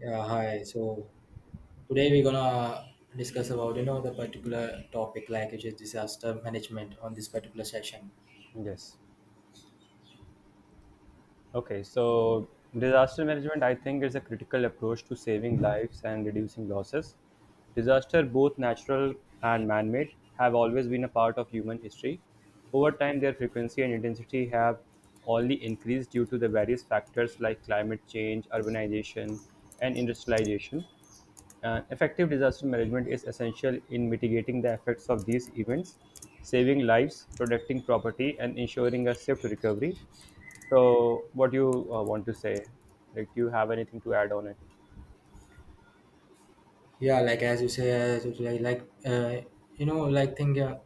Yeah, hi. So today we're gonna discuss about the particular topic, like, which is disaster management on this particular session. Yes. Okay. So, disaster management, I think, is a critical approach to saving lives and reducing losses. Disaster, both natural and man made, have always been a part of human history. Over time, their frequency and intensity have only increased due to the various factors like climate change, urbanization, and industrialization. And effective disaster management is essential in mitigating the effects of these events, saving lives, protecting property, and ensuring a safe recovery. So, what do you want to say? Like, do you have anything to add on it? Yeah, like like like thing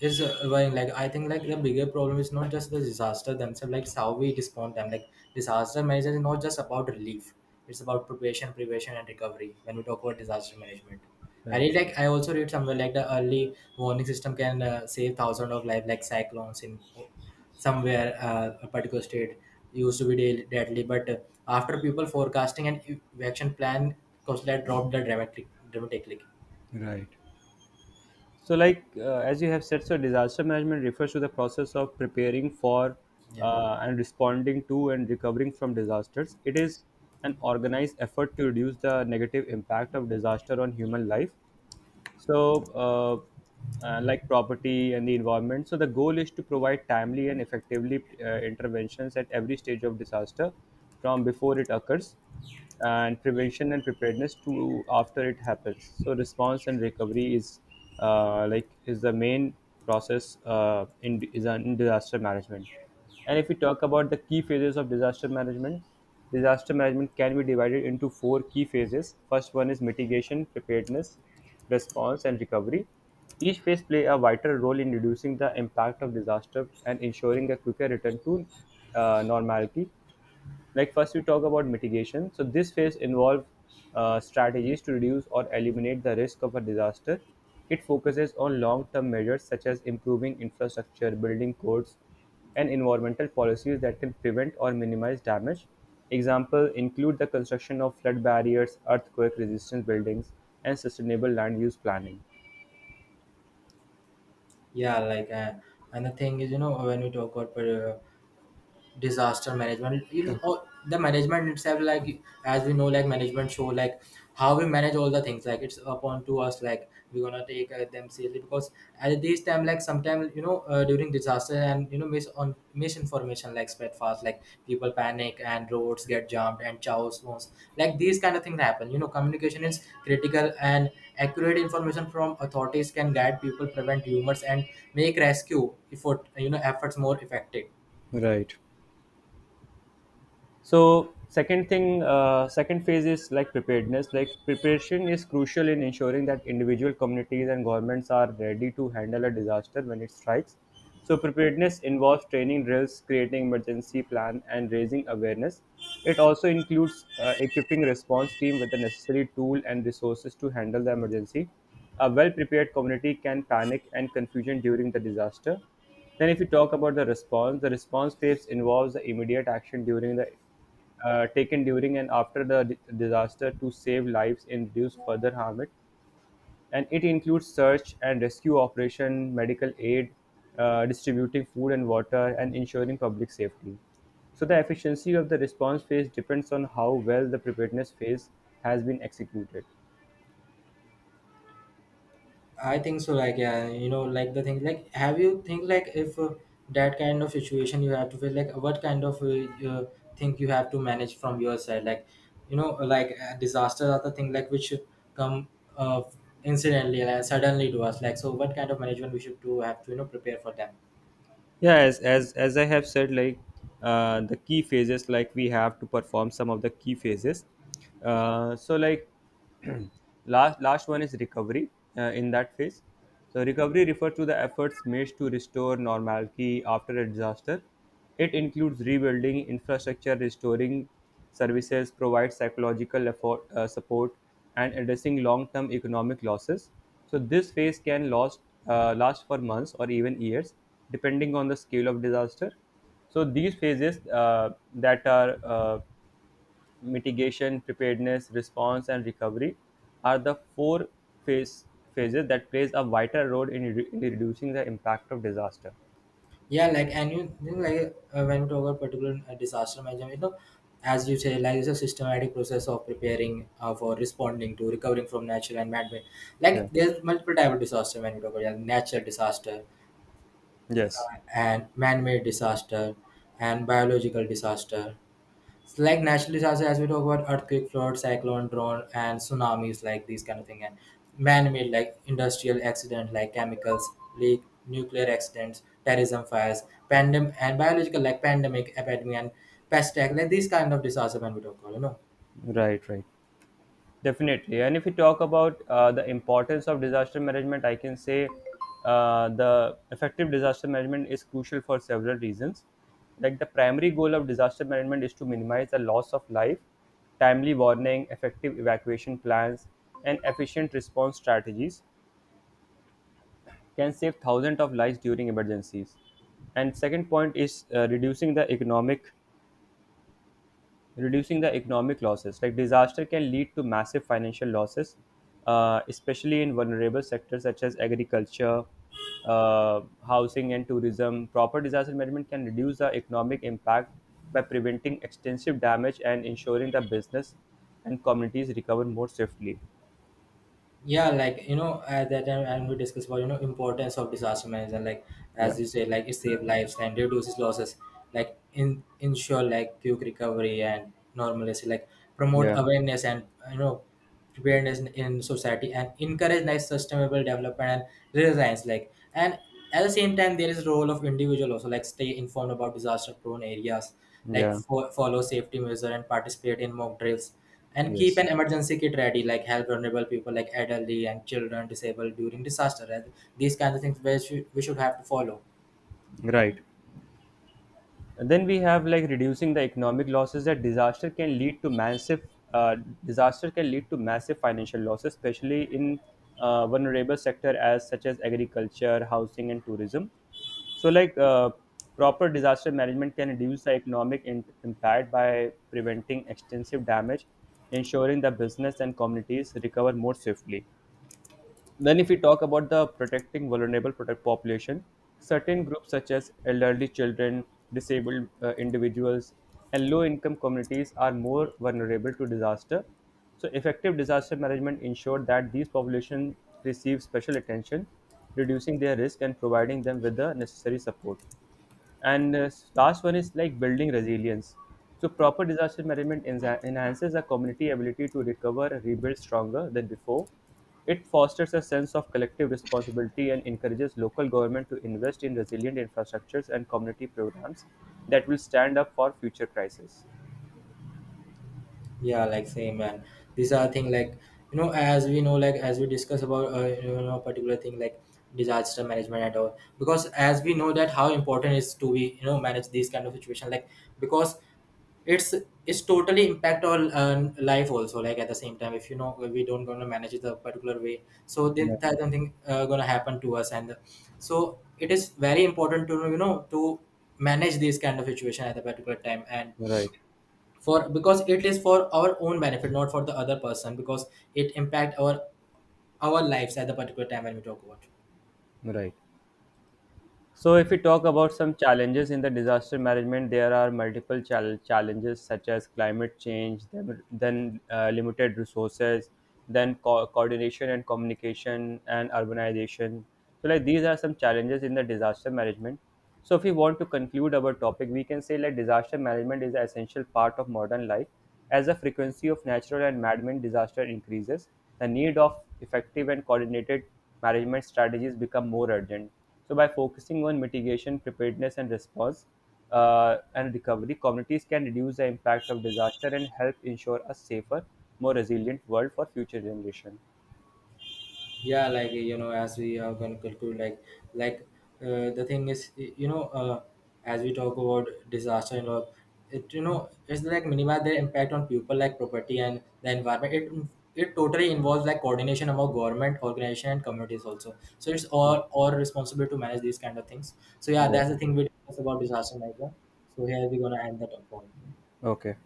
is well, like I think like the bigger problem is not just the disaster themselves, like it's how we respond them. Like, disaster management is not just about relief, it's about preparation, prevention and recovery when we talk about disaster management. i Right, read like i also read somewhere, like the early warning system can save thousands of lives, like cyclones in somewhere, a particular state, used to be deadly, but after people forecasting and evacuation plan, coastline dropped the dramatically. right. So, like as you have said, so disaster management refers to the process of preparing for Yeah. And responding to and recovering from disasters. It is an organized effort to reduce the negative impact of disaster on human life, so like property and the environment. So the goal is to provide timely and effectively interventions at every stage of disaster, from before it occurs and prevention and preparedness to after it happens, so response and recovery is, like, is the main process is in disaster management. And if we talk about the key phases of disaster management, disaster management can be divided into four key phases. First one is mitigation, preparedness, response, and recovery. Each phase play a vital role in reducing the impact of disaster and ensuring a quicker return to normality. Like, first we talk about mitigation, so this phase involves strategies to reduce or eliminate the risk of a disaster. It focuses on long-term measures such as improving infrastructure, building codes, and environmental policies that can prevent or minimize damage. Examples include the construction of flood barriers, earthquake resistant buildings, and sustainable land use planning. Yeah, like and the thing is, when we talk about disaster management, all, the management itself, like as we know, like management show like how we manage all the things, like it's upon to us, like we're gonna take them seriously, because at this time, like sometimes, during disaster, and misinformation like spread fast, like people panic and roads get jammed and chaos was, like these kind of things happen. Communication is critical, and accurate information from authorities can guide people, prevent rumors and make rescue effort, efforts more effective. Right. So second thing, second phase is like preparedness. Like, preparation is crucial in ensuring that individual communities and governments are ready to handle a disaster when it strikes. So preparedness involves training drills, creating emergency plan, and raising awareness. It also includes equipping response team with the necessary tool and resources to handle the emergency. A well prepared community can panic and confusion during the disaster. Then if you talk about the response phase involves the immediate action during the taken during and after the disaster to save lives and reduce further harm. It includes search and rescue operation, medical aid, distributing food and water, and ensuring public safety. So the efficiency of the response phase depends on how well the preparedness phase has been executed. I think so. Like, yeah, like the thing, like, have you think, like, if that kind of situation, you have to feel like what kind of thing you have to manage from your side, like, like disasters are the thing like which come uh, incidentally and suddenly to us, like, so what kind of management we should do have to prepare for them. Yeah, as I have said, like, the key phases, like we have to perform some of the key phases. So like, last one is recovery. In that phase, so recovery refers to the efforts made to restore normality after a disaster. It includes rebuilding infrastructure, restoring services, provide psychological effort, support, and addressing long-term economic losses. So this phase can last, last for months or even years, depending on the scale of disaster. So these phases, that are, mitigation, preparedness, response, and recovery are the four phase phases that plays a vital role in, in reducing the impact of disaster. Yeah, like, and you think, like when we talk about particular disaster management, as you say, like it's a systematic process of preparing for responding to recovering from natural and man-made. Yeah. Like, there's multiple type of disaster when we talk about, like natural disaster Yes. and man-made disaster and biological disaster. It's like naturally disasters, as we talk about earthquake, flood, cyclone, drone, and tsunamis, like these kind of thing, and man-made, like industrial accident, like chemicals, leak, nuclear accidents, terrorism, fires, pandemic, and biological, like pandemic, epidemic, and pest attack, like these kind of disaster when we talk about, Right. Right. Definitely. And if you talk about the importance of disaster management, I can say the effective disaster management is crucial for several reasons. Like the primary goal of disaster management is to minimize the loss of life, timely warning, effective evacuation plans, and efficient response strategies can save thousands of lives during emergencies. And second point is reducing the economic, reducing the economic losses. Like disaster can lead to massive financial losses, especially in vulnerable sectors such as agriculture, housing, and tourism. Proper disaster management can reduce the economic impact by preventing extensive damage and ensuring that business and communities recover more swiftly. Yeah, like, at that time, and we discussed about importance of disaster management, like as Yeah, you say, like it saves lives and reduces losses, like in ensure like quick recovery and normalcy, like promote yeah, awareness and you know preparedness in society and encourage like sustainable development and resilience, like, and at the same time there is role of individual also, like stay informed about disaster prone areas, like yeah, follow safety measure and participate in mock drills and keep yes, an emergency kit ready, like help vulnerable people like elderly and children disabled during disaster. And these kinds of things we should have to follow. right. And then we have like reducing the economic losses that disaster can lead to massive, uh, disaster can lead to massive financial losses, especially in vulnerable sector as such as agriculture, housing, and tourism. So, like proper disaster management can reduce the economic impact by preventing extensive damage, ensuring the business and communities recover more swiftly. Then, if we talk about the protecting vulnerable product population, certain groups such as elderly children, disabled individuals, and low income communities are more vulnerable to disaster. So, effective disaster management ensured that these populations receive special attention, reducing their risk and providing them with the necessary support. And last one is like building resilience. So proper disaster management enhances a community ability to recover and rebuild stronger than before. It fosters a sense of collective responsibility and encourages local government to invest in resilient infrastructures and community programs that will stand up for future crises. Yeah, like same, and these are thing, like, as we know, like as we discuss about particular thing like disaster management and all, because as we know that how important is to be manage these kind of situation, like because it's it's totally impact on life also, like at the same time if we don't gonna manage it a particular way, so then Yeah. that something gonna happen to us, and so it is very important to to manage this kind of situation at a particular time, and Right. for because it is for our own benefit, not for the other person, because it impact our lives at the particular time when we talk about. Right. So, if we talk about some challenges in the disaster management, there are multiple challenges such as climate change, then limited resources, then coordination and communication, and urbanization. So, like these are some challenges in the disaster management. So, if we want to conclude our topic, we can say like disaster management is an essential part of modern life. As the frequency of natural and man-made disaster increases, the need of effective and coordinated management strategies become more urgent. So by focusing on mitigation, preparedness, and response, and recovery, communities can reduce the impact of disaster and help ensure a safer, more resilient world for future generation. Yeah, like, as we are going to conclude, like the thing is, as we talk about disaster and all, it, it's like minimize their impact on people, like property and the environment. It totally involves like coordination among government organization and communities also, so it's all Mm. all responsible to manage these kind of things. So yeah, Yeah. that's the thing we discuss about disaster management. So here we're gonna end the talk point. Okay.